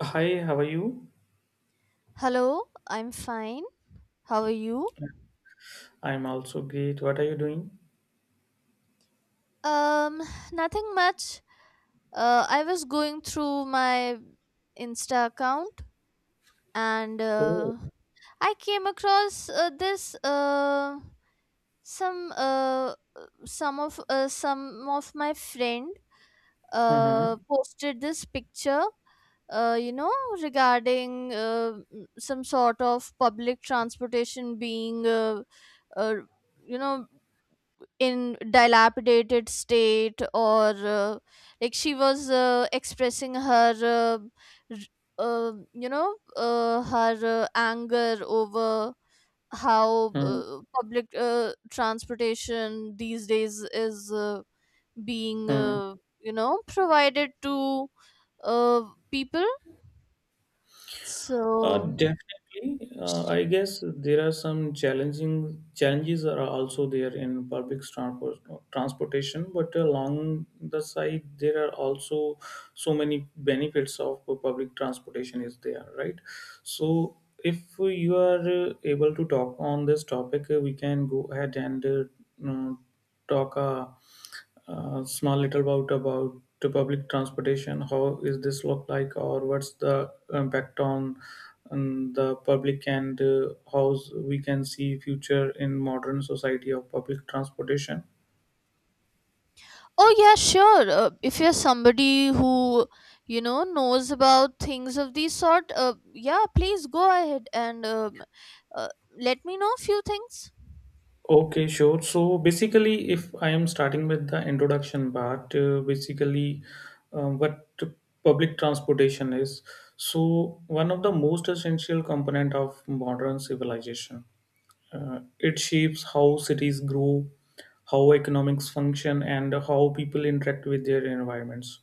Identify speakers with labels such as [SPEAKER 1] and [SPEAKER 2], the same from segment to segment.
[SPEAKER 1] Hi, how are you?
[SPEAKER 2] Hello, I'm fine. How are you?
[SPEAKER 1] I'm also great. What are you doing?
[SPEAKER 2] Um, Nothing much. I was going through my Insta account and
[SPEAKER 1] Oh,
[SPEAKER 2] uh, I came across this some uh, some of my friend
[SPEAKER 1] mm-hmm,
[SPEAKER 2] posted this picture, uh, you know regarding some sort of public transportation being uh, you know in dilapidated state or like she was expressing her r- you know her anger over how public transportation these days is being,
[SPEAKER 1] mm-hmm.
[SPEAKER 2] provided to people, so.
[SPEAKER 1] Definitely. I guess there are some challenging challenges are also there in public transport transportation, but along the side there are also so many benefits of public transportation is there, right? So if you are able to talk on this topic, we can go ahead and mm, talk. Small little about the public transportation. How is this look like, or what's the impact on the public, and how we can see future in modern society of public transportation?
[SPEAKER 2] Oh, yeah, sure. If you're somebody who knows about things of this sort, yeah, please go ahead and uh, let me know a few things.
[SPEAKER 1] Okay, sure. So basically, if I am starting with the introduction part, basically, what public transportation is. So one of the most essential component of modern civilization. It shapes how cities grow, how economics function, and how people interact with their environments.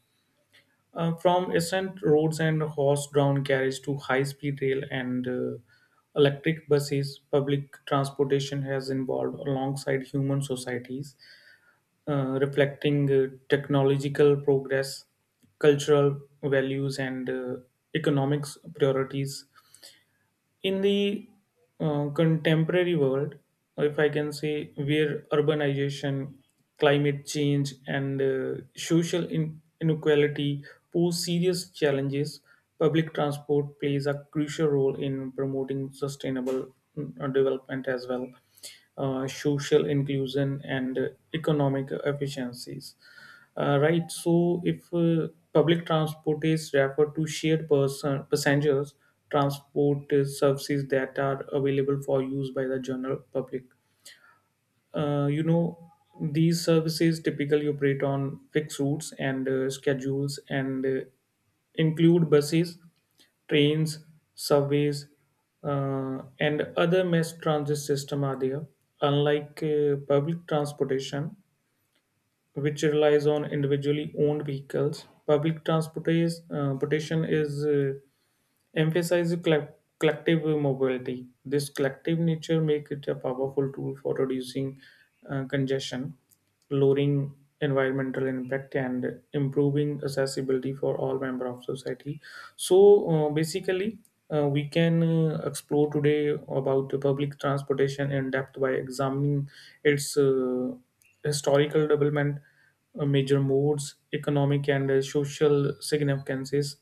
[SPEAKER 1] From ancient roads and horse-drawn carriage to high-speed rail and electric buses, public transportation has evolved alongside human societies, reflecting technological progress, cultural values, and economics priorities in the contemporary world, if I can say, where urbanization, climate change, and social inequality pose serious challenges, public transport plays a crucial role in promoting sustainable development as well, social inclusion and economic efficiencies. Right, so if public transport is referred to shared person passengers transport services that are available for use by the general public. uh, you know these services typically operate on fixed routes and schedules and include buses, trains, subways, and other mass transit system are there, unlike public transportation, which relies on individually owned vehicles. Public transportation Transportation is emphasizes collective mobility. This collective nature makes it a powerful tool for reducing congestion, lowering environmental impact, and improving accessibility for all member of society. So basically, we can explore today about the public transportation in depth by examining its historical development, major modes, economic and social significances,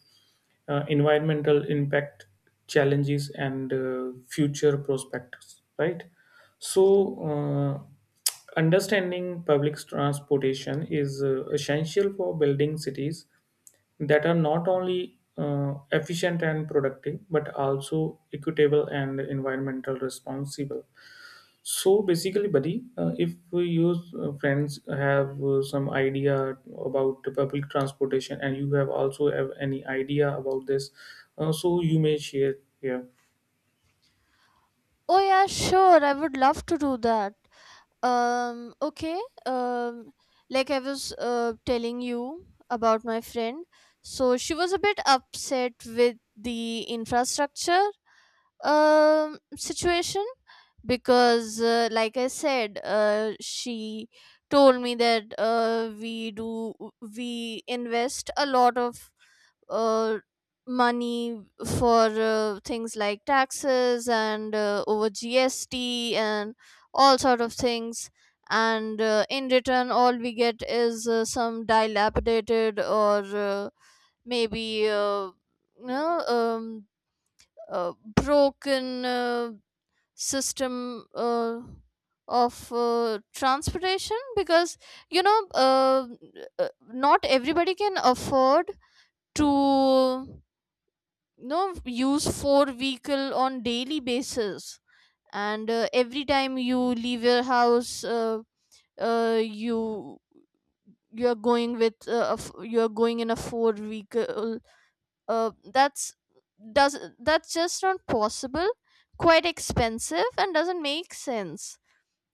[SPEAKER 1] environmental impact, challenges, and future prospects. Right. So, uh, understanding public transportation is essential for building cities that are not only efficient and productive, but also equitable and environmental responsible. So basically, buddy, if your friends have some idea about the public transportation and you have also have any idea about this, so you may share here.
[SPEAKER 2] Oh, yeah, sure. I would love to do that. Okay. Um, like I was telling you about my friend. So she was a bit upset with the infrastructure situation because, like I said, she told me that we invest a lot of uh, money for things like taxes and over GST and all sort of things, and in return all we get is some dilapidated or maybe you know, broken system of transportation because you know uh, not everybody can afford to use four vehicle on daily basis. And every time you leave your house, uh, you you are going with you are going in a four vehicle. Uh, that's does that's just not possible, quite expensive, and doesn't make sense.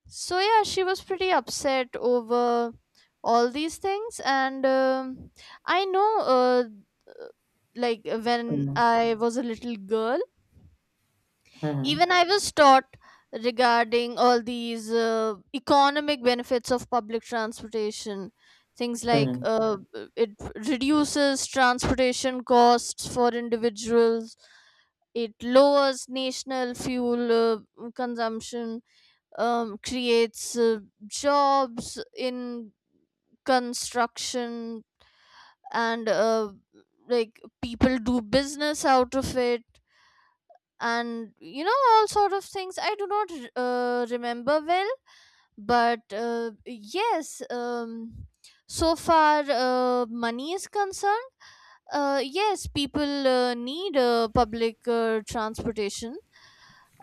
[SPEAKER 2] So yeah, she was pretty upset over all these things. And I know, uh, like when
[SPEAKER 1] Mhm.
[SPEAKER 2] I was a little girl,
[SPEAKER 1] Mhm.
[SPEAKER 2] even I was taught regarding all these economic benefits of public transportation, things like
[SPEAKER 1] Mhm.
[SPEAKER 2] it reduces transportation costs for individuals, it lowers national fuel consumption, creates jobs in construction, and like people do business out of it. And all sort of things I do not remember well. But yes, so far money is concerned, yes, people need public transportation.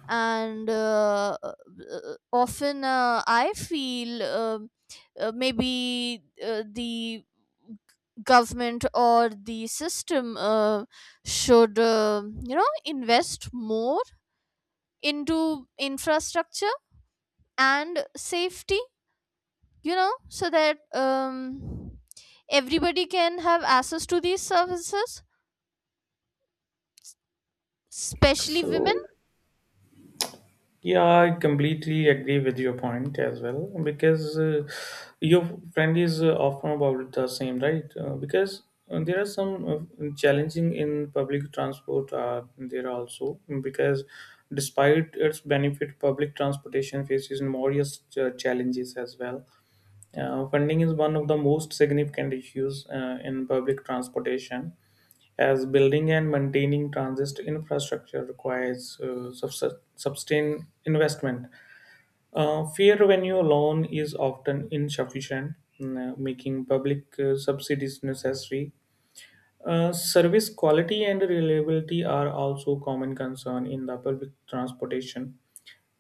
[SPEAKER 2] And uh, uh, uh, often uh, I feel, maybe the government or the system should, invest more into infrastructure and safety, so that everybody can have access to these services, especially women.
[SPEAKER 1] So yeah, I completely agree with your point as well because your friend is often about the same, right? Because there are some challenging in public transport. There are also because despite its benefit, public transportation faces more yes, challenges as well. Funding is one of the most significant issues in public transportation, as building and maintaining transit infrastructure requires sustained investment. Fair revenue alone is often insufficient, making public subsidies necessary. Service quality and reliability are also common concern in the public transportation.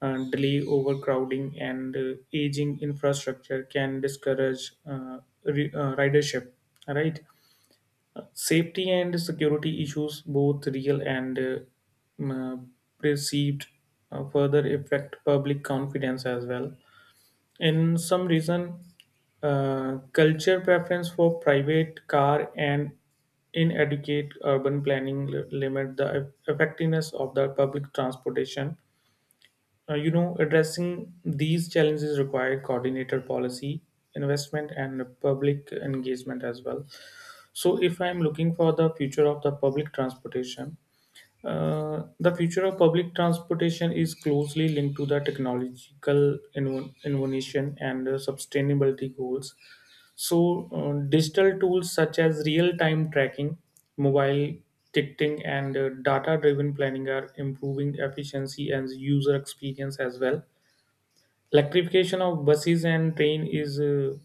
[SPEAKER 1] Delay, overcrowding, and aging infrastructure can discourage ridership. Right, safety and security issues, both real and mm, uh, perceived, further affect public confidence as well in some reason. Culture preference for private car and inadequate urban planning limit the effectiveness of the public transportation. Addressing these challenges require coordinated policy, investment, and public engagement as well. So if I'm looking for the future of the public transportation, the future of public transportation is closely linked to the technological innovation and sustainability goals. So, digital tools such as real time tracking, mobile ticketing, and data driven planning are improving efficiency and user experience as well. Electrification of buses and train is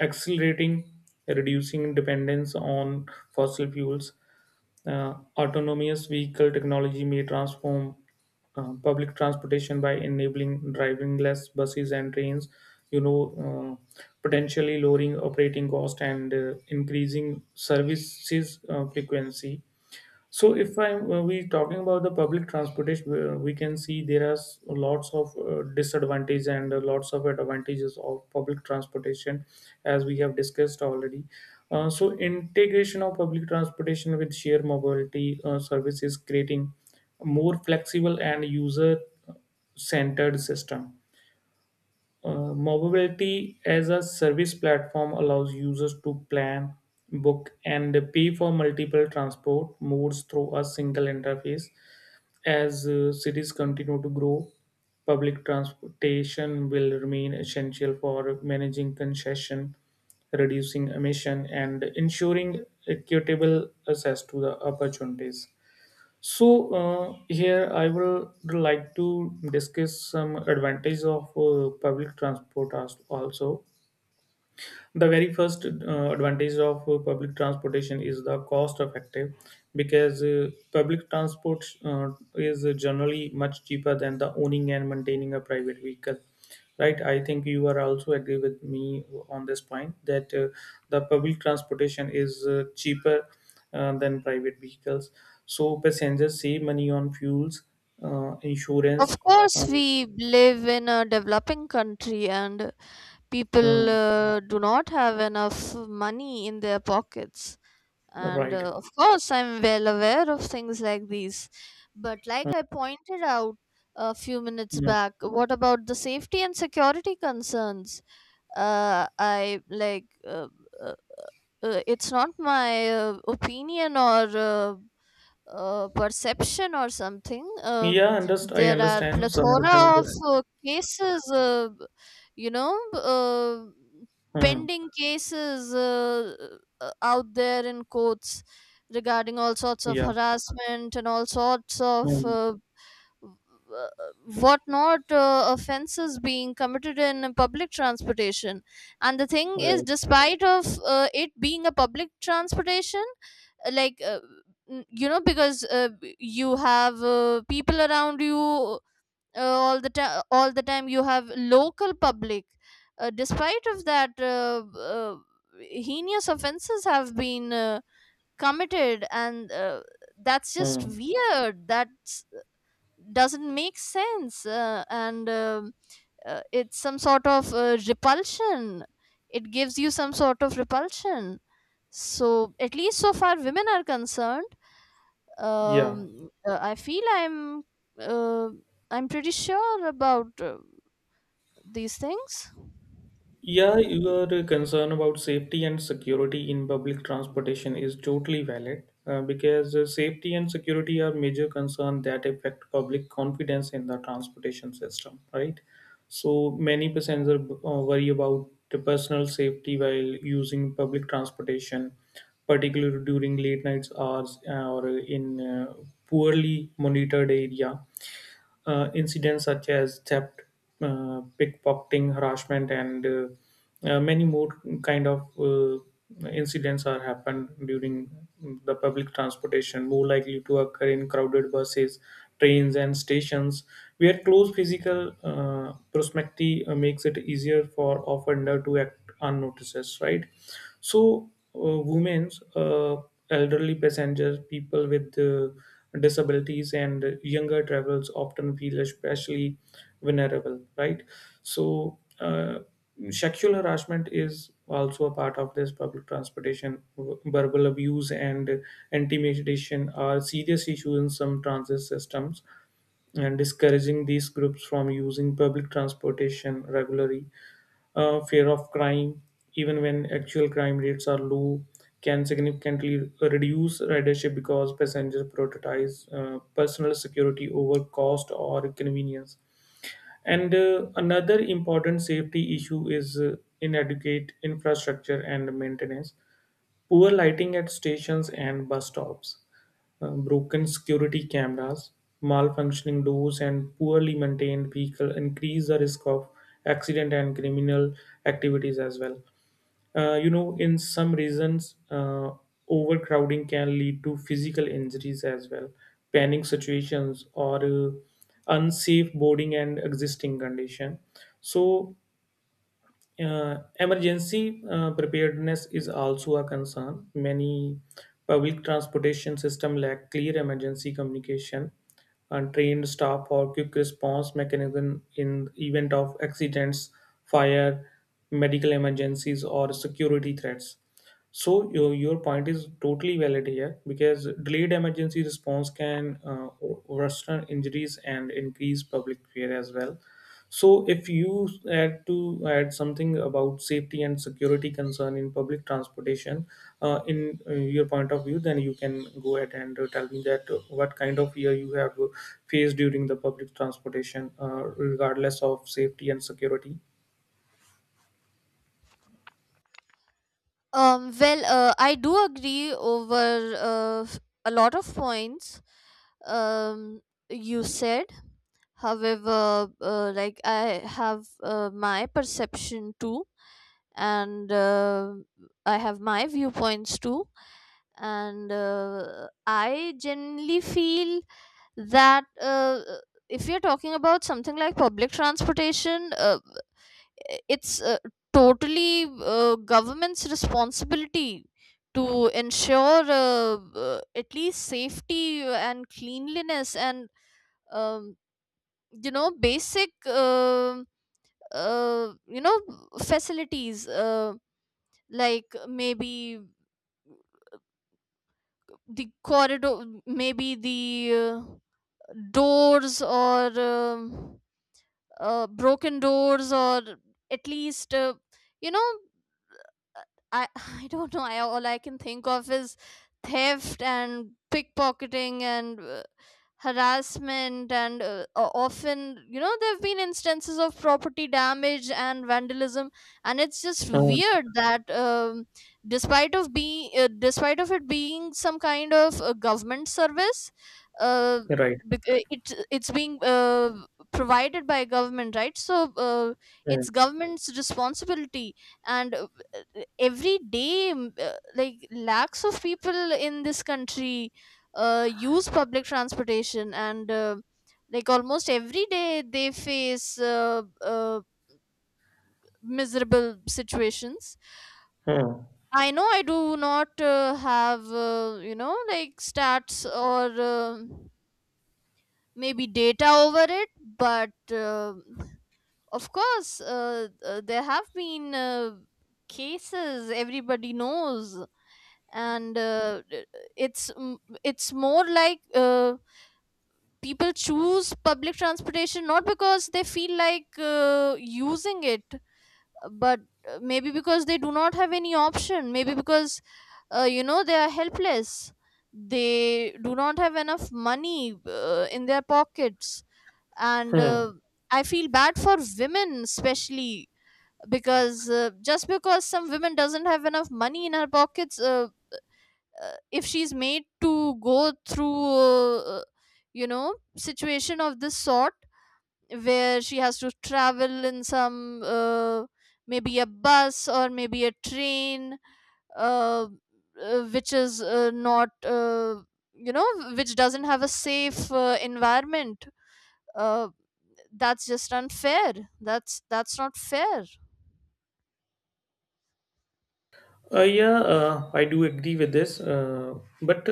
[SPEAKER 1] accelerating, reducing dependence on fossil fuels. Autonomous vehicle technology may transform public transportation by enabling drivingless buses and trains. Potentially lowering operating cost and increasing services frequency. So if I'm we talking about the public transportation, we can see there are lots of disadvantages and lots of advantages of public transportation, as we have discussed already. So integration of public transportation with shared mobility services creating a more flexible and user centered system. Mobility as a service platform allows users to plan, book, and pay for multiple transport modes through a single interface. As cities continue to grow, public transportation will remain essential for managing congestion, reducing emission, and ensuring equitable access to the opportunities. So here I will like to discuss some advantages of public transport as also. The very first advantage of public transportation is the cost effective, because public transport is generally much cheaper than the owning and maintaining a private vehicle. Right, I think you are also agree with me on this point that the public transportation is cheaper than private vehicles. So passengers save money on fuels,
[SPEAKER 2] Of
[SPEAKER 1] insurance.
[SPEAKER 2] course,
[SPEAKER 1] Um,
[SPEAKER 2] we live in a developing country and people
[SPEAKER 1] uh,
[SPEAKER 2] do not have enough money in their pockets. And
[SPEAKER 1] right.
[SPEAKER 2] uh, of course, I'm well aware of things like these. But
[SPEAKER 1] Uh,
[SPEAKER 2] like I pointed out a few minutes
[SPEAKER 1] Yeah,
[SPEAKER 2] back, what about the safety and security concerns? Uh, I like, uh, uh, it's not my opinion or perception or something.
[SPEAKER 1] yeah, underst I
[SPEAKER 2] There are
[SPEAKER 1] understand some percent.
[SPEAKER 2] plethora of cases, you know, uh,
[SPEAKER 1] Hmm.
[SPEAKER 2] pending cases out there in courts regarding all sorts of
[SPEAKER 1] Yeah.
[SPEAKER 2] harassment and all sorts of
[SPEAKER 1] Hmm.
[SPEAKER 2] what not offenses being committed in public transportation. And the thing is,
[SPEAKER 1] Right.
[SPEAKER 2] despite of it being a public transportation, uh, like uh, you know, because you have people around you all the time, all the time you have local public, despite of that, heinous offenses have been committed. And that's just
[SPEAKER 1] Hmm.
[SPEAKER 2] weird. That's doesn't make sense. And It's some sort of repulsion, it gives you some sort of repulsion. So at least so far women are concerned,
[SPEAKER 1] Yeah.
[SPEAKER 2] I feel I'm uh, I'm pretty sure about these things.
[SPEAKER 1] Yeah, your concern about safety and security in public transportation is totally valid because safety and security are major concerns that affect public confidence in the transportation system, right? So many passengers worry about the personal safety while using public transportation, particularly during late nights hours or in poorly monitored area. Incidents such as theft, pickpocketing, harassment, and many more kind of incidents are happened during the public transportation, more likely to occur in crowded buses, trains, and stations, where close physical proximity makes it easier for offender to act unnoticed, right? So, women's elderly passengers, people with disabilities, and younger travelers often feel especially vulnerable, right? So, sexual harassment is also a part of this public transportation. Verbal abuse and intimidation are serious issues in some transit systems, and discouraging these groups from using public transportation regularly. Fear of crime, even when actual crime rates are low, can significantly reduce ridership because passengers prioritize personal security over cost or convenience. And another important safety issue is inadequate infrastructure and maintenance. Poor lighting at stations and bus stops, broken security cameras, malfunctioning doors, and poorly maintained vehicle increase the risk of accident and criminal activities as well. In some regions, overcrowding can lead to physical injuries as well, panic situations, or unsafe boarding and existing condition. So emergency preparedness is also a concern. Many public transportation system lack clear emergency communication and trained staff or quick response mechanism in event of accidents, fire, medical emergencies, or security threats. So your point is totally valid here because delayed emergency response can worsen injuries and increase public fear as well. So, if you had to add something about safety and security concern in public transportation, in your point of view, then you can go ahead and tell me that what kind of fear you have faced during the public transportation, regardless of safety and security.
[SPEAKER 2] Well, I do agree over a lot of points um, you said. However, like, I have my perception too, and I have my viewpoints too. And I generally feel that, if you're talking about something like public transportation, it's totally government's responsibility to ensure, at least, safety and cleanliness and um, basic, um uh, you know facilities, like, maybe the corridor, maybe the uh, doors or, broken doors, or at least, you know I I don't know. I all I can think of is theft and pickpocketing and harassment and o- often you know there have been instances of property damage and vandalism. And it's just
[SPEAKER 1] Hmm.
[SPEAKER 2] weird that, despite of being, despite of it being some kind of a government service, uh,
[SPEAKER 1] Right.
[SPEAKER 2] it's being provided by government, right? So
[SPEAKER 1] Hmm.
[SPEAKER 2] it's government's responsibility. And every day, like lakhs of people in this country use public transportation. And like almost every day they face miserable situations.
[SPEAKER 1] Hmm.
[SPEAKER 2] I know, I do not have, like, stats or, maybe data over it. But of course, there have been cases, everybody knows. And it's m- it's more like, people choose public transportation not because they feel like using it, but maybe because they do not have any option, maybe because, they are helpless, they do not have enough money in their pockets. And
[SPEAKER 1] Hmm.
[SPEAKER 2] I feel bad for women especially, because just because some women doesn't have enough money in her pockets, if she's made to go through, situation of this sort, where she has to travel in some maybe a bus or maybe a train, uh, which is not, you know which doesn't have a safe environment, uh, that's just unfair that's not fair.
[SPEAKER 1] Yeah, I do agree with this. But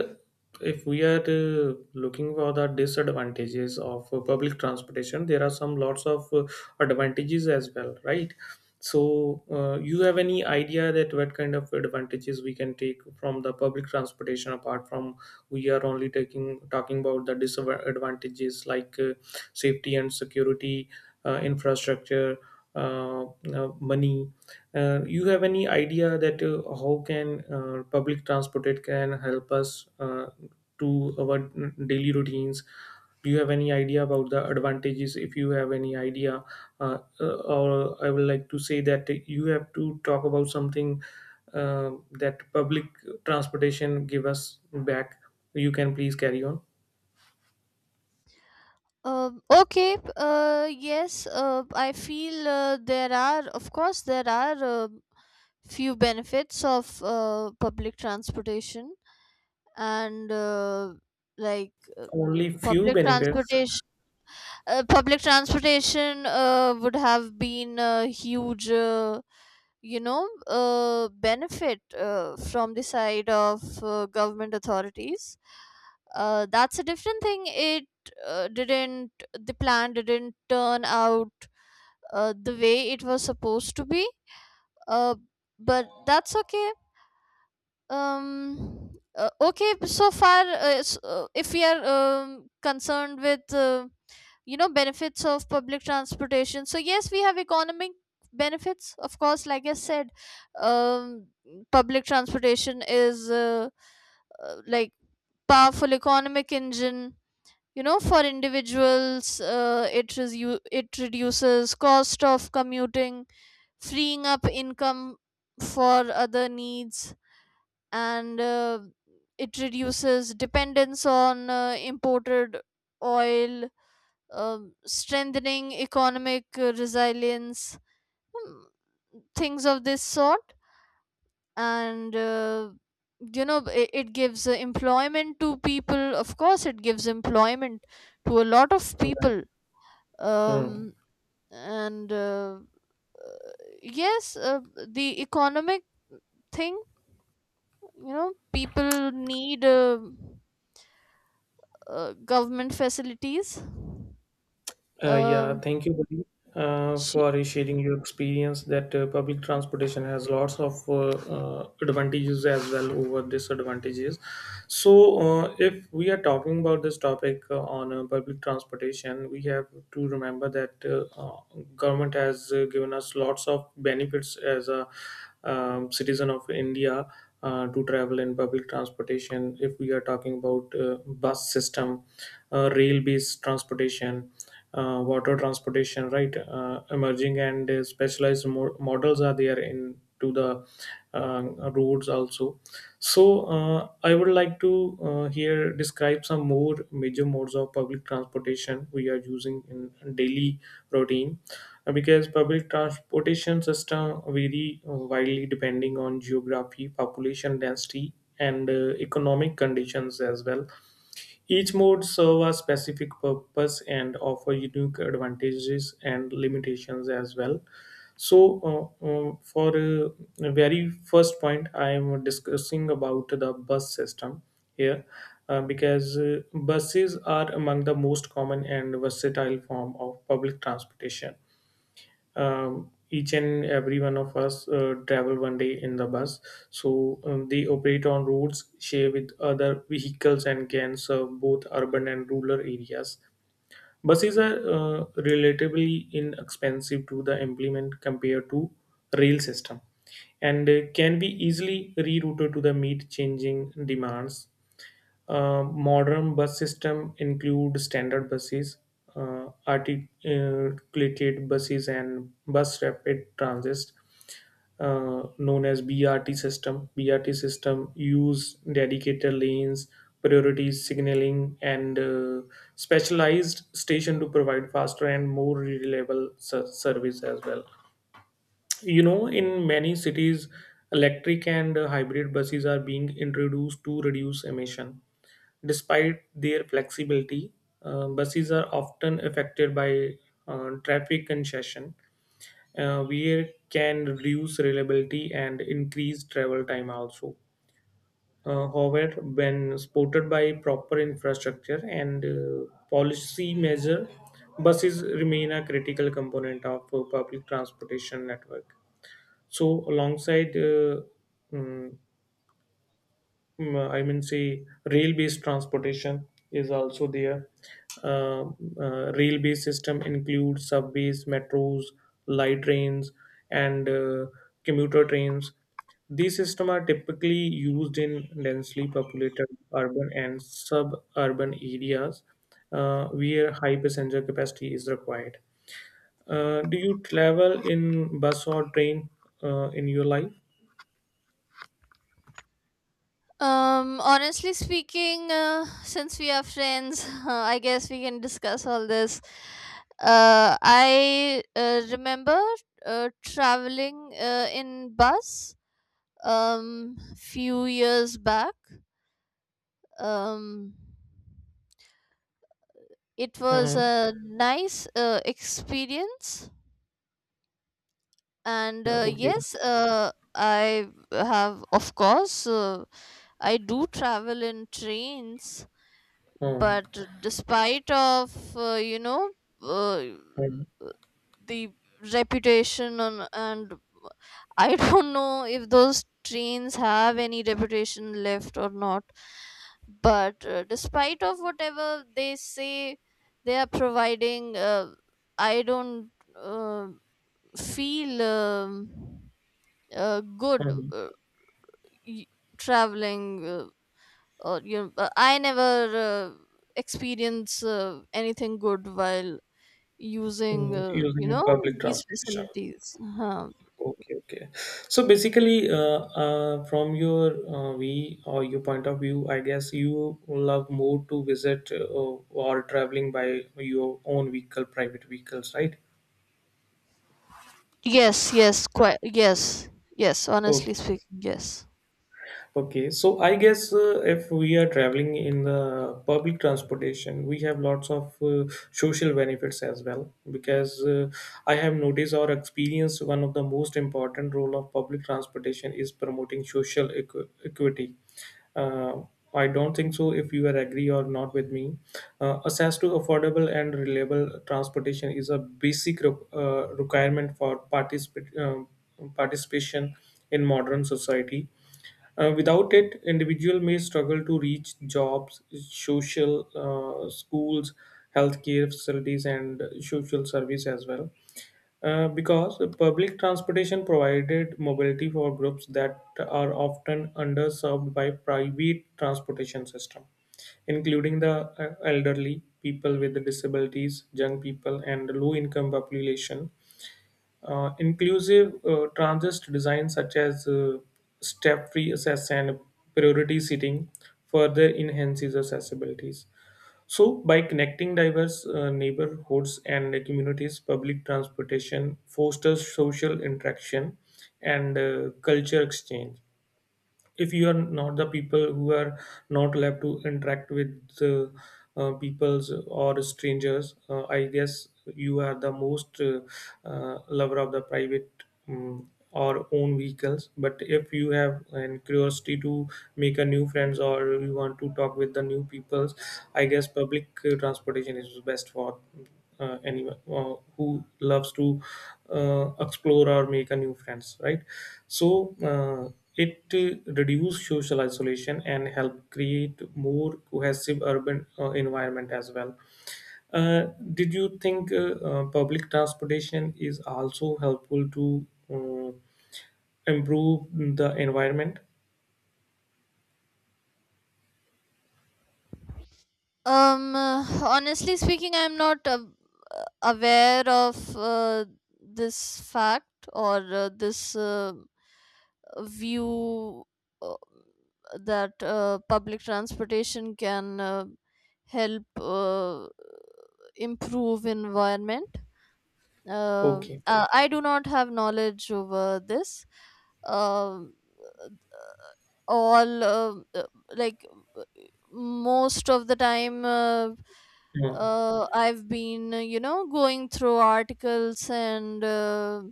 [SPEAKER 1] if we are looking for the disadvantages of public transportation, there are some lots of advantages as well, right? So, you have any idea that what kind of advantages we can take from the public transportation apart from we are only taking talking about the disadvantages like safety and security, infrastructure, uh, money, you have any idea that how can public transport it can help us to our daily routines? Do you have any idea about the advantages? If you have any idea, or I would like to say that you have to talk about something uh, that public transportation give us back. You can please carry on.
[SPEAKER 2] Okay. Yes. I feel, there are, of course, there are few benefits of public transportation. And like
[SPEAKER 1] Only few
[SPEAKER 2] Public
[SPEAKER 1] benefits.
[SPEAKER 2] transportation. Public transportation would have been a huge, benefit from the side of government authorities. That's a different thing. It didn't the plan didn't turn out the way it was supposed to be. Uh, but that's okay. um okay, so far if we are, concerned with, benefits of public transportation, so yes, we have economic benefits, of course. Like I said, um public transportation is like powerful economic engine. You know, for individuals, it reduces cost of commuting, freeing up income for other needs. And it reduces dependence on imported oil, um strengthening economic resilience, mm, things of this sort. And it gives employment to people. Of course, it gives employment to a lot of people.
[SPEAKER 1] Hmm.
[SPEAKER 2] Um and uh, yes, the economic thing, you know, people need government facilities.
[SPEAKER 1] Yeah,
[SPEAKER 2] um
[SPEAKER 1] thank you, buddy,
[SPEAKER 2] she-
[SPEAKER 1] for sharing your experience. That public transportation has lots of advantages as well over disadvantages. So, if we are talking about this topic on public transportation, we have to remember that government has given us lots of benefits as a citizen of India to travel in public transportation. If we are talking about bus system, rail-based transportation, water transportation, right? Emerging and specialized models are there in to the uh, roads also. So I would like to here describe some more major modes of public transportation we are using in daily routine. Because public transportation system vary widely depending on geography, population density, and economic conditions as well. Each mode serve a specific purpose and offer unique advantages and limitations as well. So for the very first point, I am discussing about the bus system here because buses are among the most common and versatile form of public transportation. Each and every one of us travel one day in the bus. They operate on roads shared with other vehicles and can serve both urban and rural areas. Buses are relatively inexpensive to the implement compared to rail system, and can be easily rerouted to the meet changing demands. Modern bus system include standard buses, articulated buses, and bus rapid transit, known as BRT system. BRT system use dedicated lanes, priority signaling, and specialized station to provide faster and more reliable service as well. You know, in many cities, electric and hybrid buses are being introduced to reduce emission. Despite their flexibility, buses are often affected by traffic congestion, where can reduce reliability and increase travel time also. However, when supported by proper infrastructure and policy measure, buses remain a critical component of public transportation network. So, alongside mm, mm, I mean, say rail-based transportation is also there. Uh, Rail-based system includes subways, metros, light trains, and commuter trains. These systems are typically used in densely populated urban and suburban areas where high passenger capacity is required. Do you travel in bus or train in your life?
[SPEAKER 2] Honestly speaking, since we are friends, I guess we can discuss all this. I remember traveling in bus um few years back. um It was
[SPEAKER 1] Uh-huh.
[SPEAKER 2] a nice experience. And
[SPEAKER 1] Yeah, okay.
[SPEAKER 2] yes, I have, of course, I do travel in trains,
[SPEAKER 1] Uh-huh.
[SPEAKER 2] but despite of, uh, the reputation on, and I don't know if those trains have any reputation left or not, but despite of whatever they say they are providing, I don't feel good,
[SPEAKER 1] Uh-huh.
[SPEAKER 2] y- traveling. Or you know, I never experience anything good while using,
[SPEAKER 1] Mm, using public
[SPEAKER 2] these
[SPEAKER 1] transportation.
[SPEAKER 2] facilities. Huh.
[SPEAKER 1] Okay, okay. So basically, from your we or your point of view, I guess you love more to visit or traveling by your own vehicle, private vehicles, right?
[SPEAKER 2] Yes, yes, quite yes. Yes,
[SPEAKER 1] Okay.
[SPEAKER 2] honestly speaking, yes.
[SPEAKER 1] Okay, so I guess if we are traveling in the public transportation, we have lots of social benefits as well. Because I have noticed or experienced one of the most important role of public transportation is promoting social equity. Uh, I don't think so if you are agree or not with me. Access to affordable and reliable transportation is a basic requirement for participation in modern society. Without it, individual may struggle to reach jobs, social, schools, healthcare facilities, and social service as well. Because public transportation provided mobility for groups that are often underserved by private transportation system, including the elderly, people with disabilities, young people, and low-income population. Inclusive transist design such as step-free access and priority seating further enhances accessibilities. So, by connecting diverse neighborhoods and communities, public transportation fosters social interaction and culture exchange. If you are not the people who are not allowed to interact with peoples or strangers, I guess you are the most lover of the private or own vehicles. But if you have an curiosity to make a new friends or you want to talk with the new peoples, I guess public transportation is best for anyone who loves to explore or make a new friends, right? So it reduce social isolation and help create more cohesive urban environment as well. Uh, did you think public transportation is also helpful to uh, improve the environment?
[SPEAKER 2] Honestly speaking, I'm not aware of this fact or this view uh, that public transportation can help improve environment. Uh,
[SPEAKER 1] Okay.
[SPEAKER 2] I do not have knowledge over this. Um all like uh, Most of the time,
[SPEAKER 1] Hmm.
[SPEAKER 2] I've been, going through articles and uh,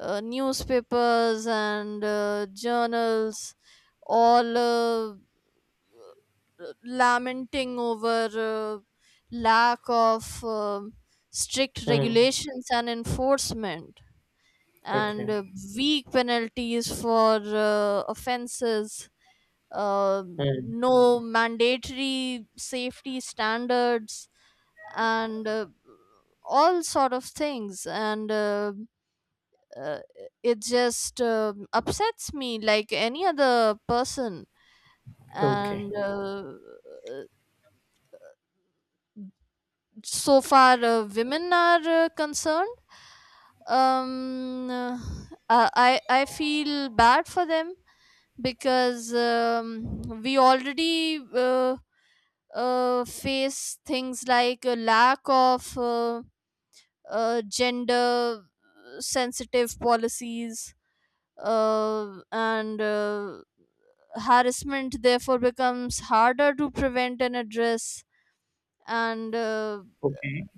[SPEAKER 2] uh, newspapers and journals, all lamenting over lack of strict
[SPEAKER 1] Hmm.
[SPEAKER 2] regulations and enforcement, and
[SPEAKER 1] Okay.
[SPEAKER 2] weak penalties for offenses, uh,
[SPEAKER 1] Hmm.
[SPEAKER 2] no mandatory safety standards, and all sort of things. And uh, it just upsets me like any other person.
[SPEAKER 1] Okay.
[SPEAKER 2] And uh, so far women are concerned, um uh, I feel bad for them because, we already uh, face things like a lack of gender sensitive policies. And Harassment therefore becomes harder to prevent and address. And
[SPEAKER 1] Okay,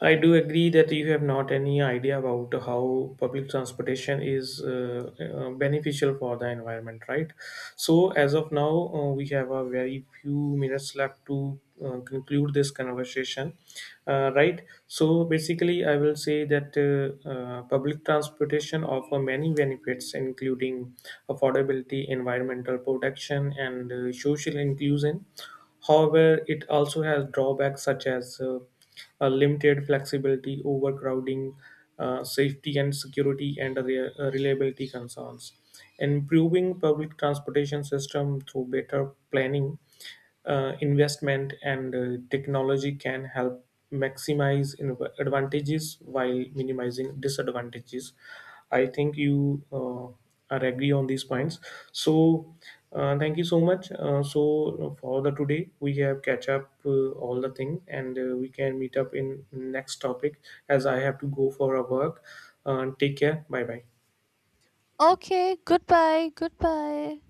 [SPEAKER 1] I do agree that you have not any idea about how public transportation is beneficial for the environment, right? So, as of now, we have a very few minutes left to conclude this conversation, right? So, basically, I will say that public transportation offer many benefits, including affordability, environmental protection, and social inclusion. However, it also has drawbacks such as a limited flexibility, overcrowding, safety and security, and reliability concerns. Improving public transportation system through better planning, investment and technology can help maximize advantages while minimizing disadvantages. I think you are agree on these points. So thank you so much. So for the today we have catch up all the thing and we can meet up in next topic as I have to go for a work. Take care. Bye bye.
[SPEAKER 2] okay, goodbye, goodbye.